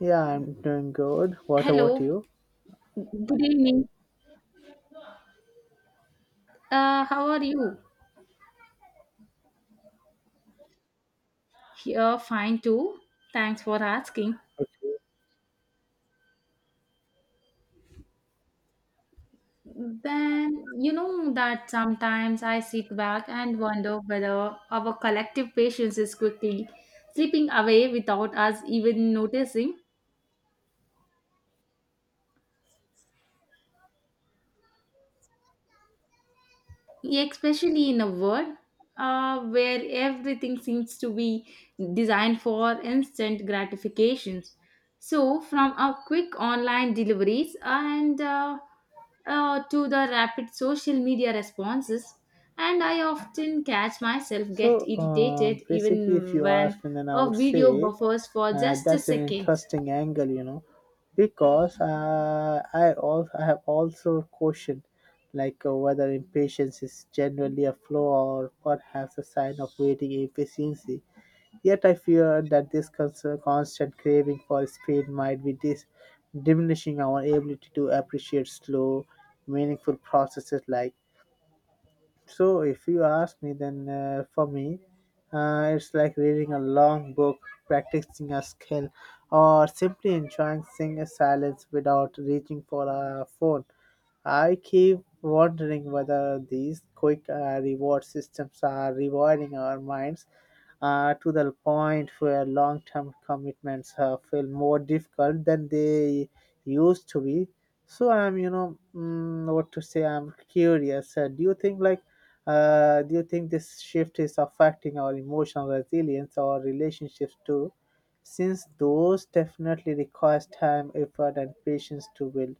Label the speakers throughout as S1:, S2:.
S1: Yeah, I'm doing good. What about
S2: Hello,
S1: you?
S2: good evening. How are you? Here, fine too. Thanks for asking.
S1: Okay.
S2: Then, you know that sometimes I sit back and wonder whether our collective patience is quickly slipping away without us even noticing. Especially in a world where everything seems to be designed for instant gratifications. So, from our quick online deliveries and to the rapid social media responses, and I often catch myself
S1: So,
S2: get irritated
S1: um, basically, if
S2: even
S1: you
S2: when
S1: ask me, then I
S2: a
S1: would
S2: video
S1: say
S2: buffers for just a
S1: that's an
S2: second.
S1: interesting angle, you know, because I have also questioned like whether impatience is generally a flaw or perhaps a sign of waiting efficiency. Yet I fear that this constant craving for speed might be diminishing our ability to appreciate slow, meaningful processes like. So, if you ask me, then for me, it's like reading a long book, practicing a skill, or simply enjoying sing a silence without reaching for a phone. I keep wondering whether these quick reward systems are rewarding our minds to the point where long term commitments feel more difficult than they used to be. So I'm, you know, mm, what to say, I'm curious. Do you think, do you think this shift is affecting our emotional resilience or relationships too? Since those definitely requires time, effort, and patience to build.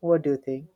S1: What do you think?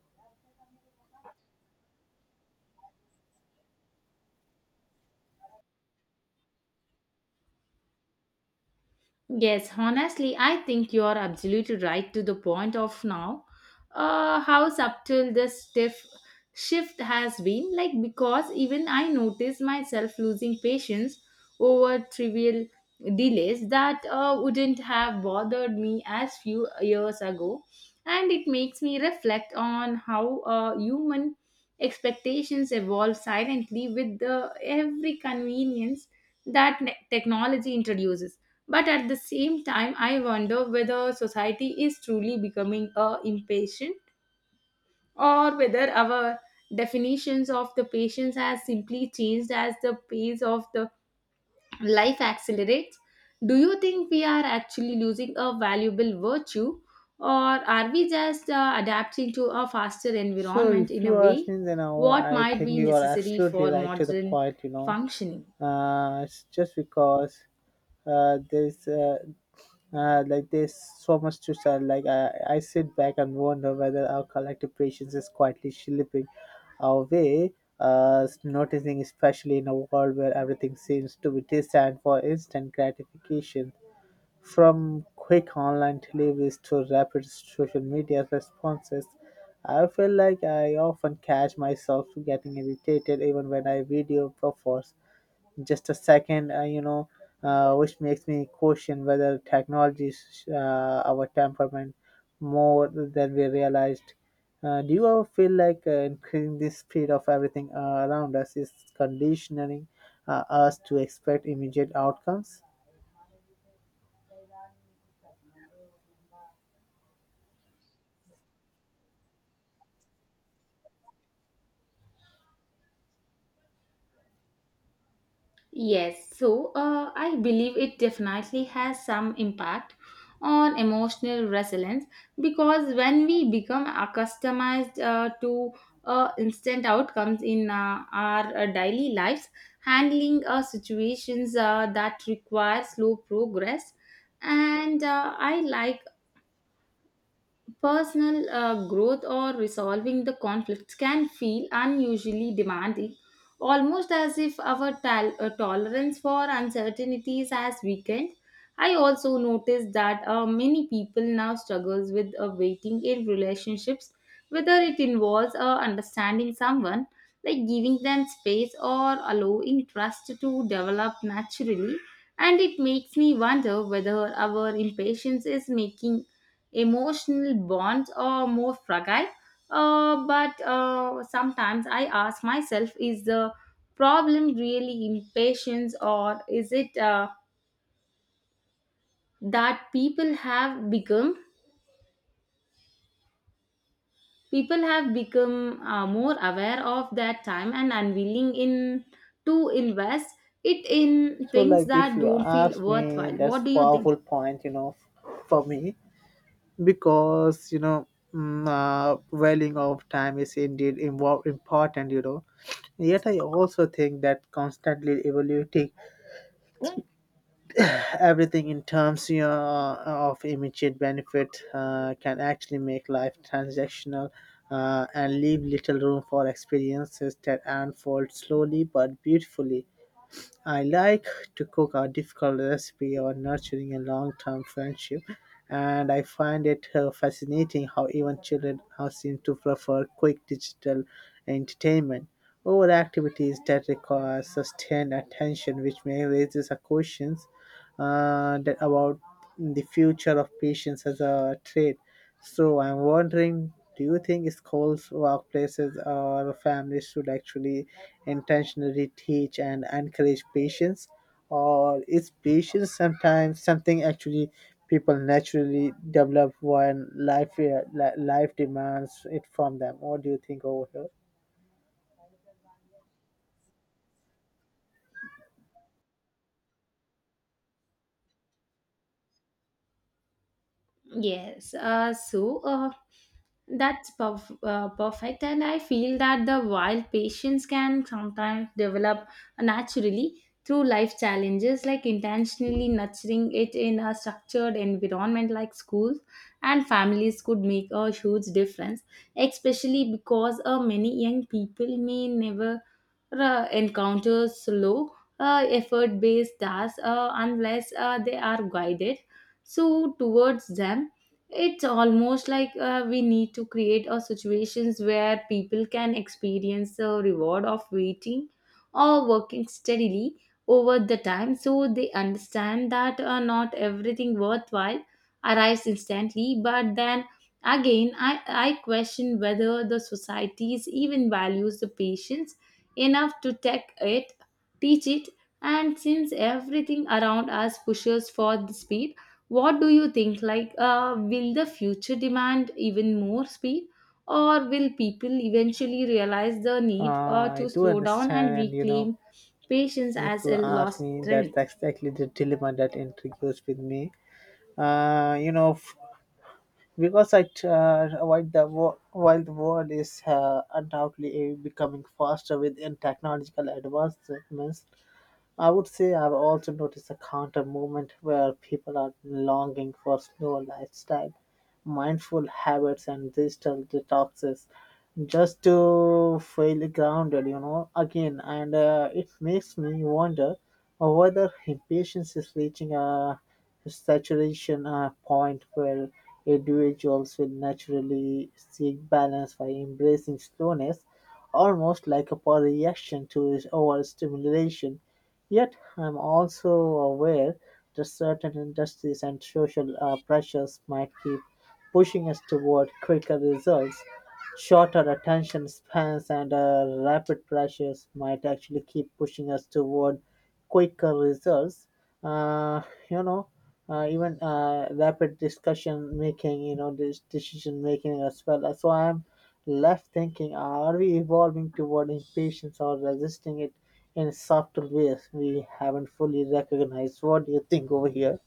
S2: Yes, honestly, I think you are absolutely right to the point of now. How subtle this stiff shift has been, like, because even I notice myself losing patience over trivial delays that wouldn't have bothered me as few years ago. And it makes me reflect on how human expectations evolve silently with the every convenience that technology introduces. But at the same time, I wonder whether society is truly becoming impatient or whether our definitions of the patience has simply changed as the pace of the life accelerates. Do you think we are actually losing a valuable virtue or are we just adapting to a faster
S1: So
S2: environment
S1: if
S2: in a
S1: you ask
S2: way
S1: me, then I,
S2: what
S1: I
S2: might
S1: think
S2: be
S1: you are
S2: necessary
S1: absolutely
S2: for
S1: right to the
S2: modern
S1: point. You know,
S2: functioning?
S1: it's just because there's like there's so much to say. Like I sit back and wonder whether our collective patience is quietly slipping our way. Noticing, especially in a world where everything seems to be designed for instant gratification, from quick online deliveries to rapid social media responses, I feel like I often catch myself getting irritated even when I video buffers just a second, which makes me question whether technology is our temperament more than we realized. Do you ever feel like increasing the speed of everything around us is conditioning us to expect immediate outcomes?
S2: Yes, so I believe it definitely has some impact on emotional resilience because when we become accustomed to instant outcomes in our daily lives, handling situations that require slow progress, and I like personal growth or resolving the conflicts can feel unusually demanding, almost as if our tolerance for uncertainties has weakened. I also noticed that many people now struggles with waiting in relationships, whether it involves understanding someone, like giving them space or allowing trust to develop naturally. And it makes me wonder whether our impatience is making emotional bonds are more fragile, but sometimes I ask myself is the problem really impatience or is it that people have become more aware of their time and unwilling in to invest it in
S1: So,
S2: things
S1: like, if
S2: that
S1: you
S2: don't feel
S1: ask me,
S2: worthwhile. What
S1: that's
S2: do you think?
S1: powerful point, you know, for me, because you know, valuing of time is indeed important, you know. Yet, I also think that constantly evaluating everything in terms of immediate benefit can actually make life transactional and leave little room for experiences that unfold slowly but beautifully. I like to cook a difficult recipe or nurturing a long term friendship, and I find it fascinating how even children now seem to prefer quick digital entertainment over activities that require sustained attention, which may raises a questions that about the future of patients as a trade. So I'm wondering, do you think schools, workplaces, or families should actually intentionally teach and encourage patients, or is patience sometimes something actually people naturally develop when life life demands it from them? What do you think over here?
S2: Yes, so that's perfect, and I feel that the wild patients can sometimes develop naturally through life challenges, like intentionally nurturing it in a structured environment like schools and families could make a huge difference, especially because many young people may never encounter slow, effort based tasks unless they are guided so towards them. It's almost like we need to create a situations where people can experience the reward of waiting or working steadily over the time so they understand that not everything worthwhile arrives instantly but then again I question whether the societies even values the patience enough to take it, teach it, and since everything around us pushes for the speed. What do you think? Like, will the future demand even more speed, or will people eventually realize the need
S1: I
S2: to
S1: do
S2: slow down and
S1: understand, and you know,
S2: reclaim patience
S1: if
S2: as
S1: you
S2: a
S1: ask
S2: lost
S1: me, that's
S2: strength?
S1: exactly the dilemma that intrigues with me. You know, because while the while the world is undoubtedly becoming faster within technological advancements, I would say I've also noticed a counter movement where people are longing for slow lifestyle, mindful habits, and digital detoxes just to feel grounded, you know, again. And it makes me wonder whether impatience is reaching a saturation point where individuals will naturally seek balance by embracing slowness, almost like a reaction to overstimulation. Yet I am also aware that certain industries and social pressures might keep pushing us toward quicker results. Shorter attention spans and rapid pressures might actually keep pushing us toward quicker results. Uh, you know, Even rapid discussion making, you know, this decision making as well. So I'm left thinking, are we evolving toward impatience or resisting it in subtle ways we haven't fully recognized? What do you think over here?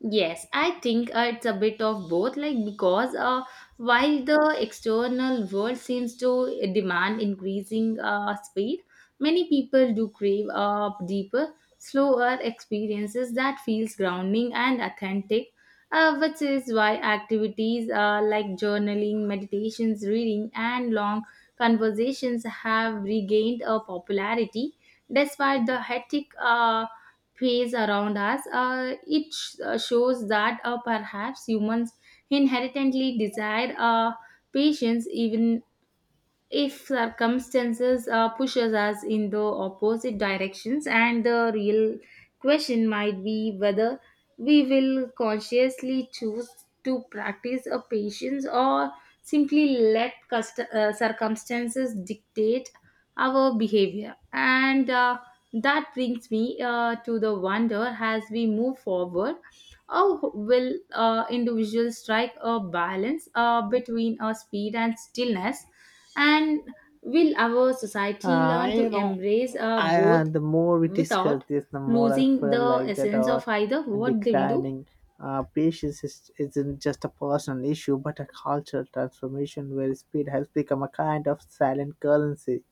S2: Yes, I think it's a bit of both, like because while the external world seems to demand increasing speed, many people do crave deeper, slower experiences that feels grounding and authentic, which is why activities like journaling, meditations, reading, and long conversations have regained a popularity despite the hectic. Phase around us, shows that perhaps humans inherently desire patience even if circumstances pushes us in the opposite directions, and the real question might be whether we will consciously choose to practice a patience or simply let circumstances dictate our behavior. And that brings me to the wonder, as we move forward, how will individuals strike a balance between speed and stillness, and will our society
S1: Uh,
S2: learn to
S1: you know,
S2: embrace both
S1: the more we discuss
S2: without
S1: this, the more I
S2: losing
S1: feel
S2: the
S1: like that
S2: essence
S1: our
S2: of either? What they will do?
S1: declining patience isn't just a personal issue but a cultural transformation where speed has become a kind of silent currency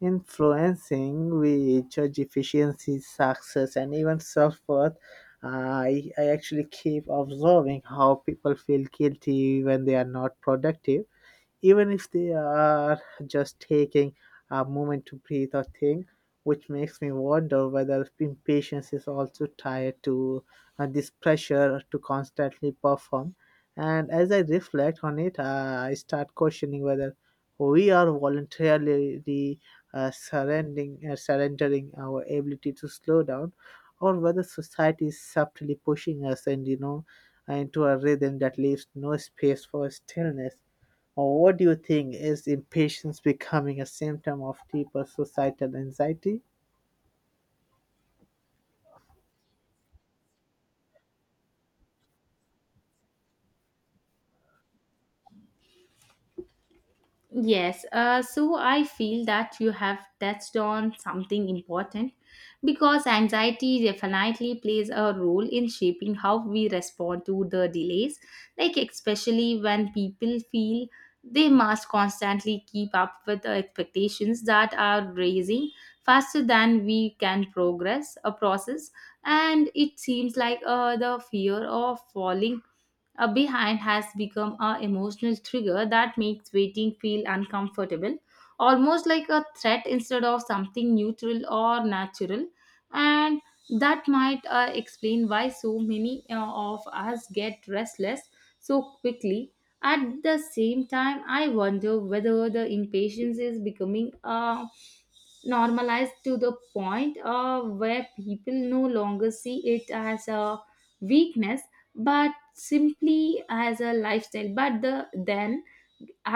S1: influencing we judge efficiency, success, and even self worth. I actually keep observing how people feel guilty when they are not productive even if they are just taking a moment to breathe or think, which makes me wonder whether impatience is also tied to this pressure to constantly perform. And as I reflect on it, I start questioning whether we are voluntarily surrendering our ability to slow down, or whether society is subtly pushing us and you know into a rhythm that leaves no space for stillness, or what do you think, is impatience becoming a symptom of deeper societal anxiety?
S2: Yes, so I feel that you have touched on something important because anxiety definitely plays a role in shaping how we respond to the delays, like especially when people feel they must constantly keep up with the expectations that are raising faster than we can progress a process. And it seems like the fear of falling a behind has become an emotional trigger that makes waiting feel uncomfortable, almost like a threat instead of something neutral or natural. And that might explain why so many of us get restless so quickly. At the same time, I wonder whether the impatience is becoming a normalized to the point where people no longer see it as a weakness but simply as a lifestyle. But the then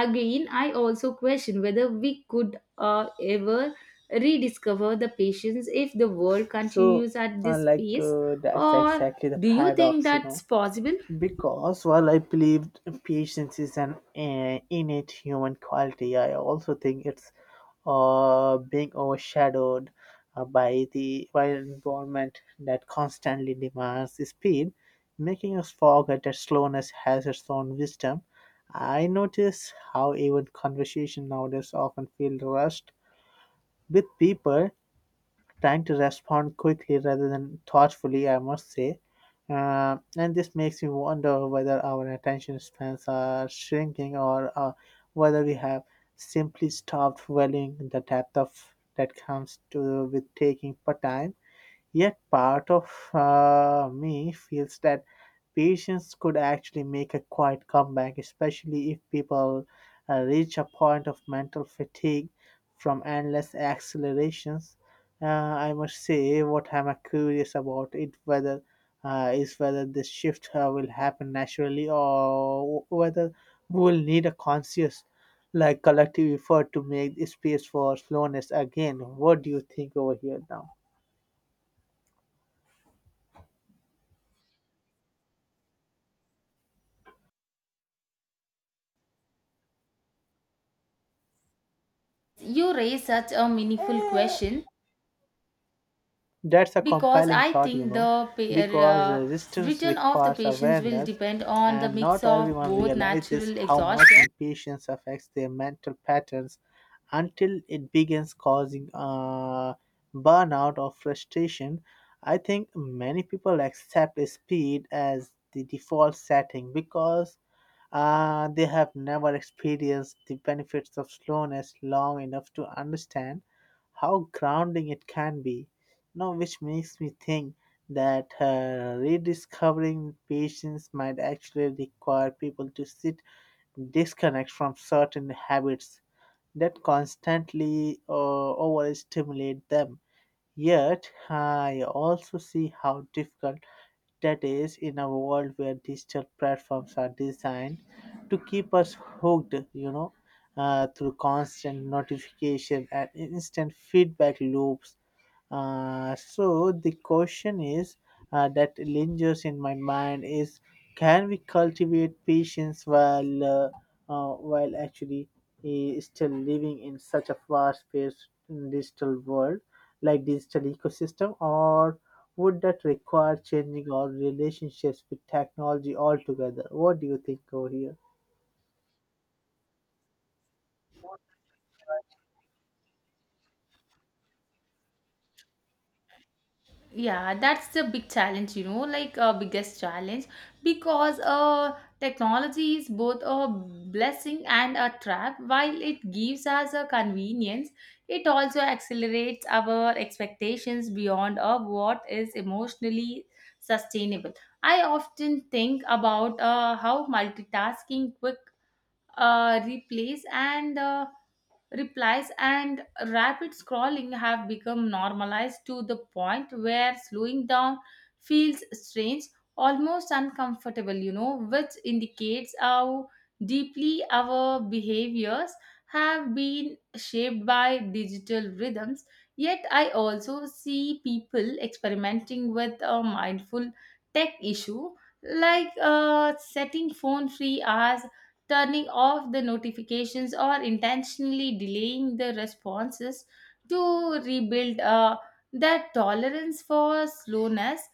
S2: again I also question whether we could ever rediscover the patience if the world
S1: So,
S2: continues at this pace,
S1: that's
S2: or
S1: exactly the
S2: do you think
S1: paradox, you
S2: that's
S1: know.
S2: possible?
S1: Because while I believe patience is an innate human quality, I also think it's being overshadowed by an environment that constantly demands speed, making us forget that slowness has its own wisdom. I notice how even conversation nowadays often feel rushed with people trying to respond quickly rather than thoughtfully, I must say. And this makes me wonder whether our attention spans are shrinking or whether we have simply stopped valuing the depth of that comes to with taking part time. Yet part of me feels that patience could actually make a quiet comeback, especially if people reach a point of mental fatigue from endless accelerations. I must say, what I'm curious about it whether is whether this shift will happen naturally or whether we will need a conscious, like collective effort to make space for slowness again. What do you think over here now?
S2: You raise such a meaningful question
S1: That's a
S2: because
S1: compelling
S2: I
S1: thought, you
S2: think
S1: know,
S2: the
S1: because resistance
S2: return of the
S1: requires
S2: patients will
S1: awareness,
S2: depend on the
S1: and
S2: mix
S1: not
S2: of
S1: everyone
S2: both
S1: realizes
S2: natural
S1: how much
S2: exhaustion.
S1: impatience affects their mental patterns until it begins causing burnout or frustration. I think many people accept speed as the default setting because they have never experienced the benefits of slowness long enough to understand how grounding it can be. Now, which makes me think that rediscovering patience might actually require people to sit, disconnect from certain habits that constantly overstimulate them. Yet, I also see how difficult that is, in a world where digital platforms are designed to keep us hooked, you know, through constant notification and instant feedback loops, so the question is that lingers in my mind is, can we cultivate patience while actually still living in such a fast-paced digital world, like digital ecosystem, or would that require changing our relationships with technology altogether? What do you think over here?
S2: Yeah, that's the big challenge, you know, like biggest challenge, because technology is both a blessing and a trap. While it gives us a convenience, it also accelerates our expectations beyond of what is emotionally sustainable. I often think about how multitasking quick replays and replies and rapid scrolling have become normalized to the point where slowing down feels strange, almost uncomfortable, you know, which indicates how deeply our behaviors have been shaped by digital rhythms. Yet I also see people experimenting with a mindful tech issue, like setting phone free hours, turning off the notifications, or intentionally delaying the responses to rebuild that tolerance for slowness.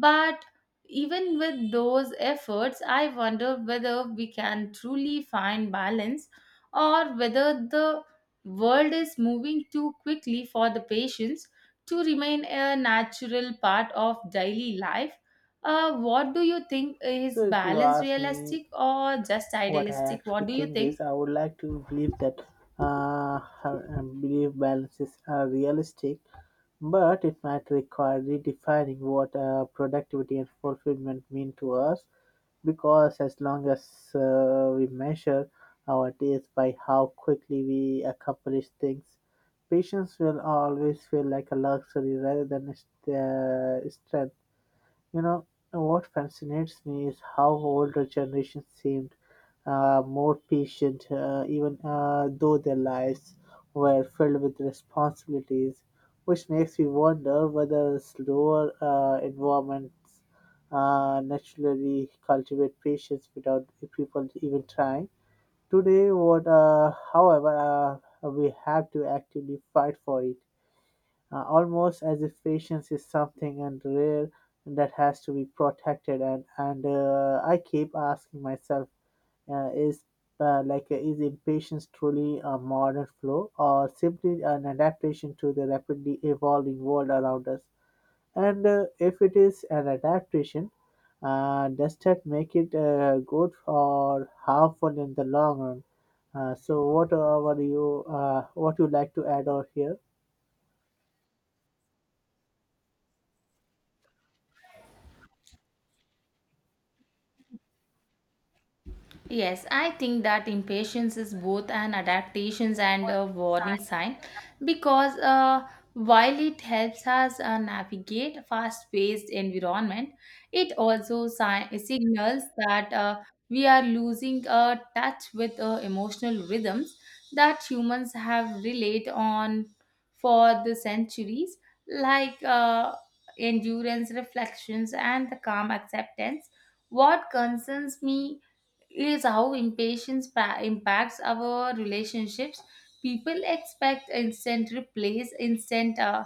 S2: But even with those efforts, I wonder whether we can truly find balance or whether the world is moving too quickly for the patience to remain a natural part of daily life. What do you think, is
S1: So if you
S2: balance
S1: ask me,
S2: realistic or just
S1: what I
S2: idealistic? What
S1: actually
S2: do you
S1: think
S2: think?
S1: is I would like to believe that uh, I believe balances are realistic, but it might require redefining what productivity and fulfillment mean to us, because as long as we measure our days by how quickly we accomplish things, patience will always feel like a luxury rather than a strength. You know, what fascinates me is how older generations seemed more patient, even though their lives were filled with responsibilities, which makes me wonder whether slower environments naturally cultivate patience without people even trying. Today, however, we have to actively fight for it almost as if patience is something and rare that has to be protected. And I keep asking myself, uh, is is impatience truly a modern flaw or simply an adaptation to the rapidly evolving world around us? And if it is an adaptation, does that make it good or harmful in the long run? So, what are you what you like to add on here?
S2: Yes, I think that impatience is both an adaptation and a warning sign because while it helps us navigate fast-paced environment, it also signals that we are losing touch with emotional rhythms that humans have relied on for the centuries, like endurance, reflections, and the calm acceptance. What concerns me is how impatience impacts our relationships. People expect instant replies, instant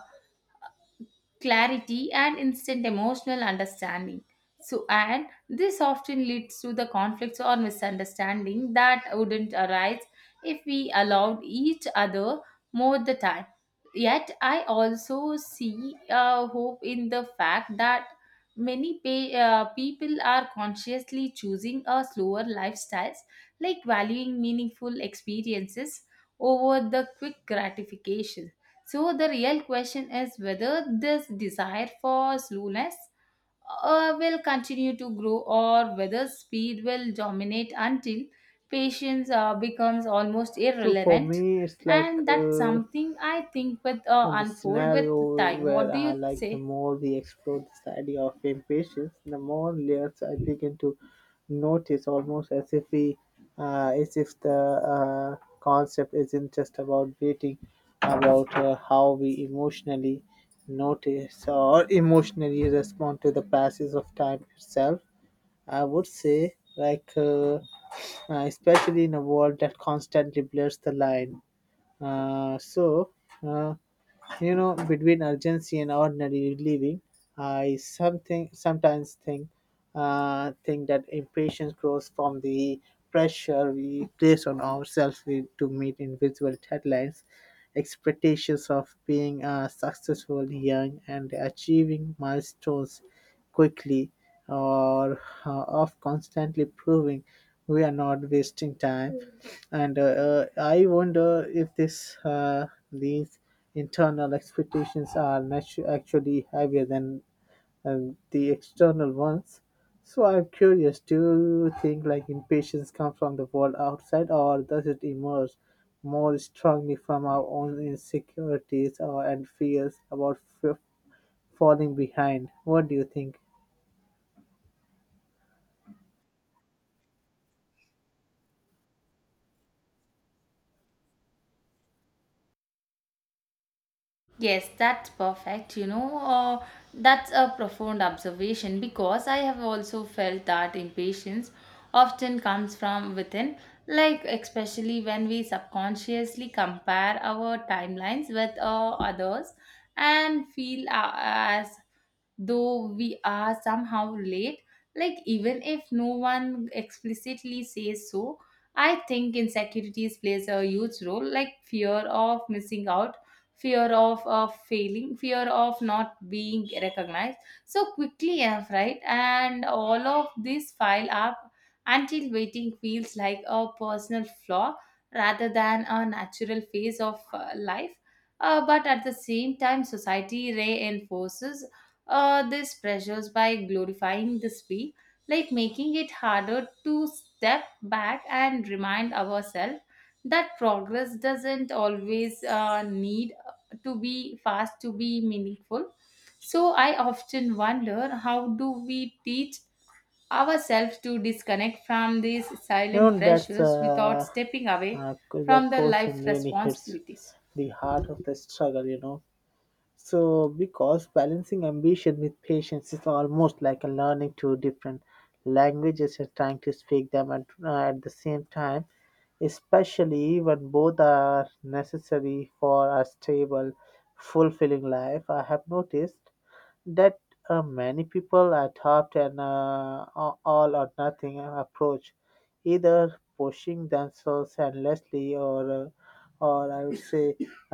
S2: clarity, and instant emotional understanding. So, and this often leads to the conflicts or misunderstanding that wouldn't arise if we allowed each other more the time. Yet, I also see hope in the fact that many people are consciously choosing a slower lifestyles, like valuing meaningful experiences over the quick gratification. So the real question is whether this desire for slowness will continue to grow or whether speed will dominate until patience becomes almost
S1: So for
S2: irrelevant,
S1: me, it's like
S2: and that's something I think with
S1: and the
S2: unfold with
S1: scenario
S2: time.
S1: where
S2: What do
S1: I
S2: you
S1: like the
S2: say?
S1: more we explore this idea of impatience, the more layers I begin to notice, almost as if the concept isn't just about waiting, about how we emotionally notice or emotionally respond to the passage of time itself. I would say like. Especially in a world that constantly blurs the line uh, so, uh, you know, between urgency and ordinary living, I something sometimes think that impatience grows from the pressure we place on ourselves to meet invisible deadlines, expectations of being successful young and achieving milestones quickly, or of constantly proving we are not wasting time. And I wonder if this these internal expectations are actually heavier than and the external ones. So I'm curious, do you think like impatience comes from the world outside, or does it emerge more strongly from our own insecurities and fears about falling behind? What do you think?
S2: Yes, that's perfect. You know, that's a profound observation because I have also felt that impatience often comes from within, like especially when we subconsciously compare our timelines with others and feel as though we are somehow late, like even if no one explicitly says so. I think insecurities plays a huge role, like fear of missing out, fear of failing, fear of not being recognized so quickly enough, right? And all of these pile up until waiting feels like a personal flaw rather than a natural phase of life. But at the same time, society reinforces these pressures by glorifying the speed, like making it harder to step back and remind ourselves that progress doesn't always need to be fast to be meaningful. So I often wonder, how do we teach ourselves to disconnect from these
S1: You
S2: silent
S1: know, that's
S2: pressures without stepping away
S1: that
S2: from the life
S1: question really hits
S2: responsibilities?
S1: the heart of the struggle, you know. So, because balancing ambition with patience is almost like a learning two different languages and trying to speak them at the same time, especially when both are necessary for a stable, fulfilling life. I have noticed that many people adopt all or nothing approach, either pushing themselves endlessly or, I would say,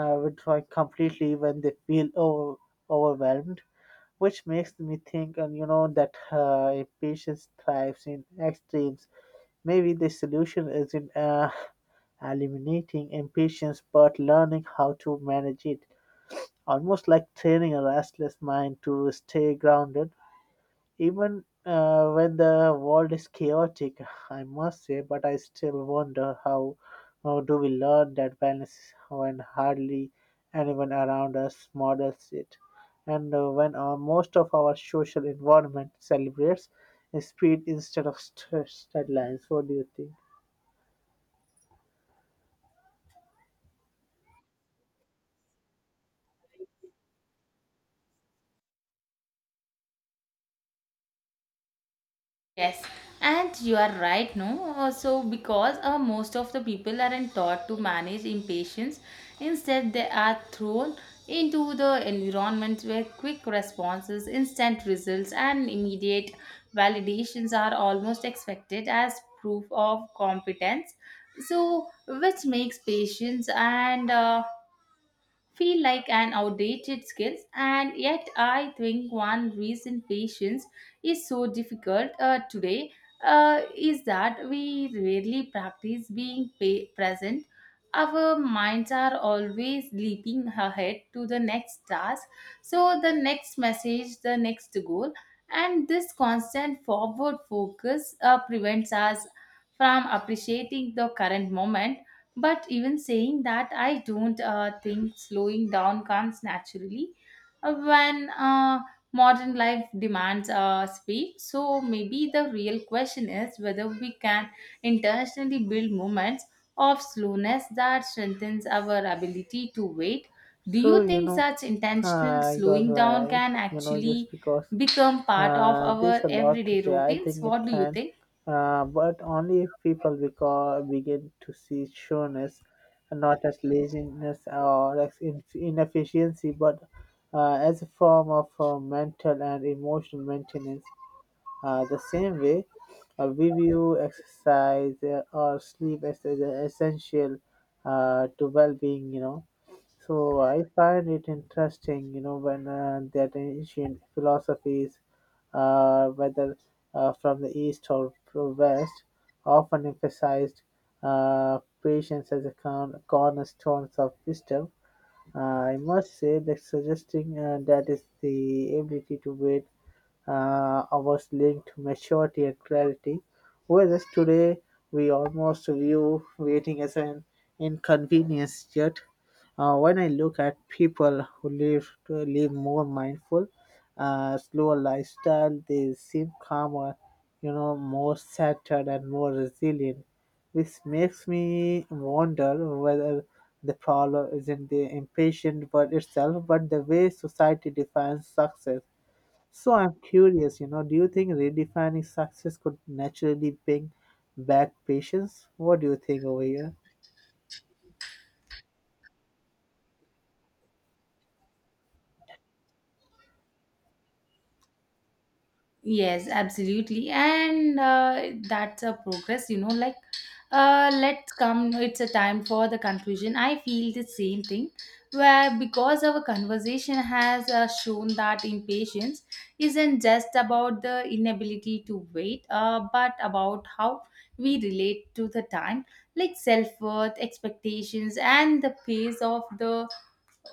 S1: withdrawing completely when they feel overwhelmed. Which makes me think, and you know, that impatience thrives in extremes. Maybe the solution isn't eliminating impatience, but learning how to manage it almost like training a restless mind to stay grounded, even when the world is chaotic, I must say, but I still wonder how do we learn that balance when hardly anyone around us models it, and when most of our social environment celebrates speed instead of deadlines. What do you think?
S2: Yes, and you are right, no? So because most of the people aren't taught to manage impatience, instead, they are thrown into the environments where quick responses, instant results, and immediate validations are almost expected as proof of competence. So, which makes patience and feel like an outdated skill. And yet I think one reason patience is so difficult today is that we rarely practice being present. Our minds are always leaping ahead to the next task, so the next message, the next goal, and this constant forward focus prevents us from appreciating the current moment. But even saying that, I don't think slowing down comes naturally when modern life demands speed. So maybe the real question is whether we can intentionally build moments of slowness that strengthens our ability to wait. Do
S1: So
S2: you
S1: you
S2: think
S1: know,
S2: such intentional
S1: you're
S2: slowing down
S1: right.
S2: can
S1: You know, just
S2: actually
S1: because
S2: become part of our
S1: There's a lot to
S2: everyday
S1: say. I
S2: routines?
S1: think it
S2: What do you
S1: can,
S2: think?
S1: but only if people begin to see sureness and not as laziness or as inefficiency, but as a form of mental and emotional maintenance. The same way, we view exercise or sleep as essential to well-being. You know, so I find it interesting. You know, when that ancient philosophies, whether from the east or from west, often emphasized patience as a cornerstone of wisdom. I must say that suggesting that is the ability to wait hours linked to maturity and clarity, whereas today we almost view waiting as an inconvenience. Yet, when I look at people who live to live more mindful, slower lifestyle, they seem calmer, you know, more centered and more resilient. This makes me wonder whether the problem isn't the impatient word itself, but the way society defines success. So I'm curious, you know, do you think redefining success could naturally bring back patience? What do you think over here?
S2: Yes, absolutely. And that's a progress, you know, like let's come, it's a time for the conclusion. I feel the same thing where because our conversation has shown that impatience isn't just about the inability to wait, but about how we relate to the time, like self worth, expectations, and the pace of the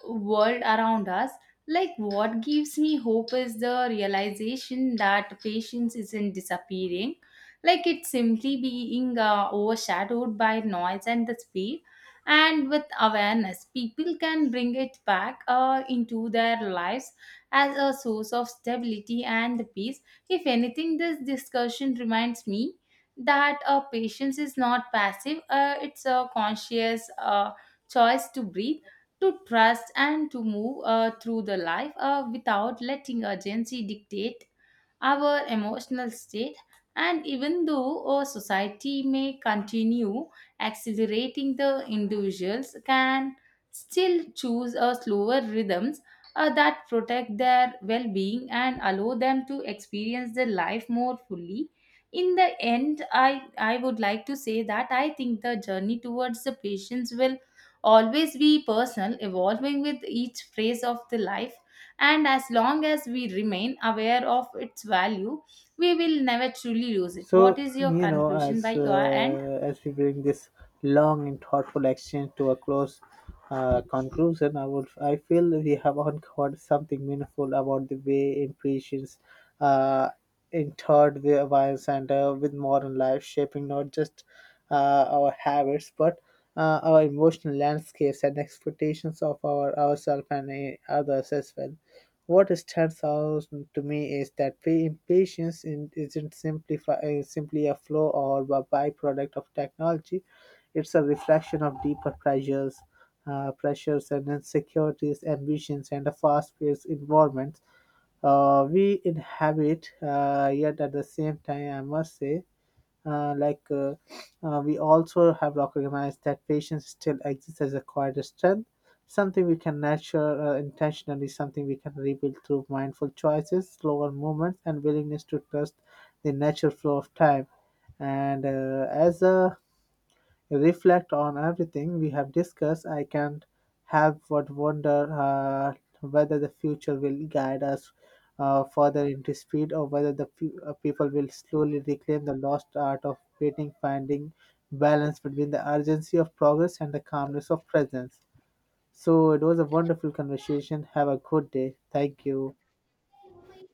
S2: world around us. Like, what gives me hope is the realization that patience isn't disappearing, like, it's simply being overshadowed by noise and the speed. And with awareness, people can bring it back into their lives as a source of stability and peace. If anything, this discussion reminds me that patience is not passive, it's a conscious choice to breathe, to trust, and to move through the life without letting urgency dictate our emotional state. And even though our society may continue accelerating, the individuals can still choose a slower rhythms that protect their well-being and allow them to experience their life more fully. In the end, I would like to say that I think the journey towards the patience will always be personal, evolving with each phase of the life. And as long as we remain aware of its value, we will never truly lose it. What
S1: So
S2: is your
S1: you know,
S2: conclusion by
S1: as
S2: your end?
S1: uh, as we bring this long and thoughtful exchange to a close conclusion, I feel we have uncovered something meaningful about the way impatience, uh, in third way violence and with modern life shaping not just our habits but our emotional landscapes and expectations of our ourselves and others as well. What stands out to me is that impatience isn't simply a flow or a byproduct of technology; it's a reflection of deeper pressures, pressures and insecurities, ambitions, and a fast-paced environment we inhabit. Yet at the same time, I must say uh, like uh, we also have recognized that patience still exists as a quieter strength, something we can nurture intentionally, something we can rebuild through mindful choices, slower movements, and willingness to trust the natural flow of time. And as a reflect on everything we have discussed, I can't help but wonder whether the future will guide us further into speed or whether people will slowly reclaim the lost art of waiting, finding balance between the urgency of progress and the calmness of presence. So it was a wonderful conversation. Have a good day. Thank you.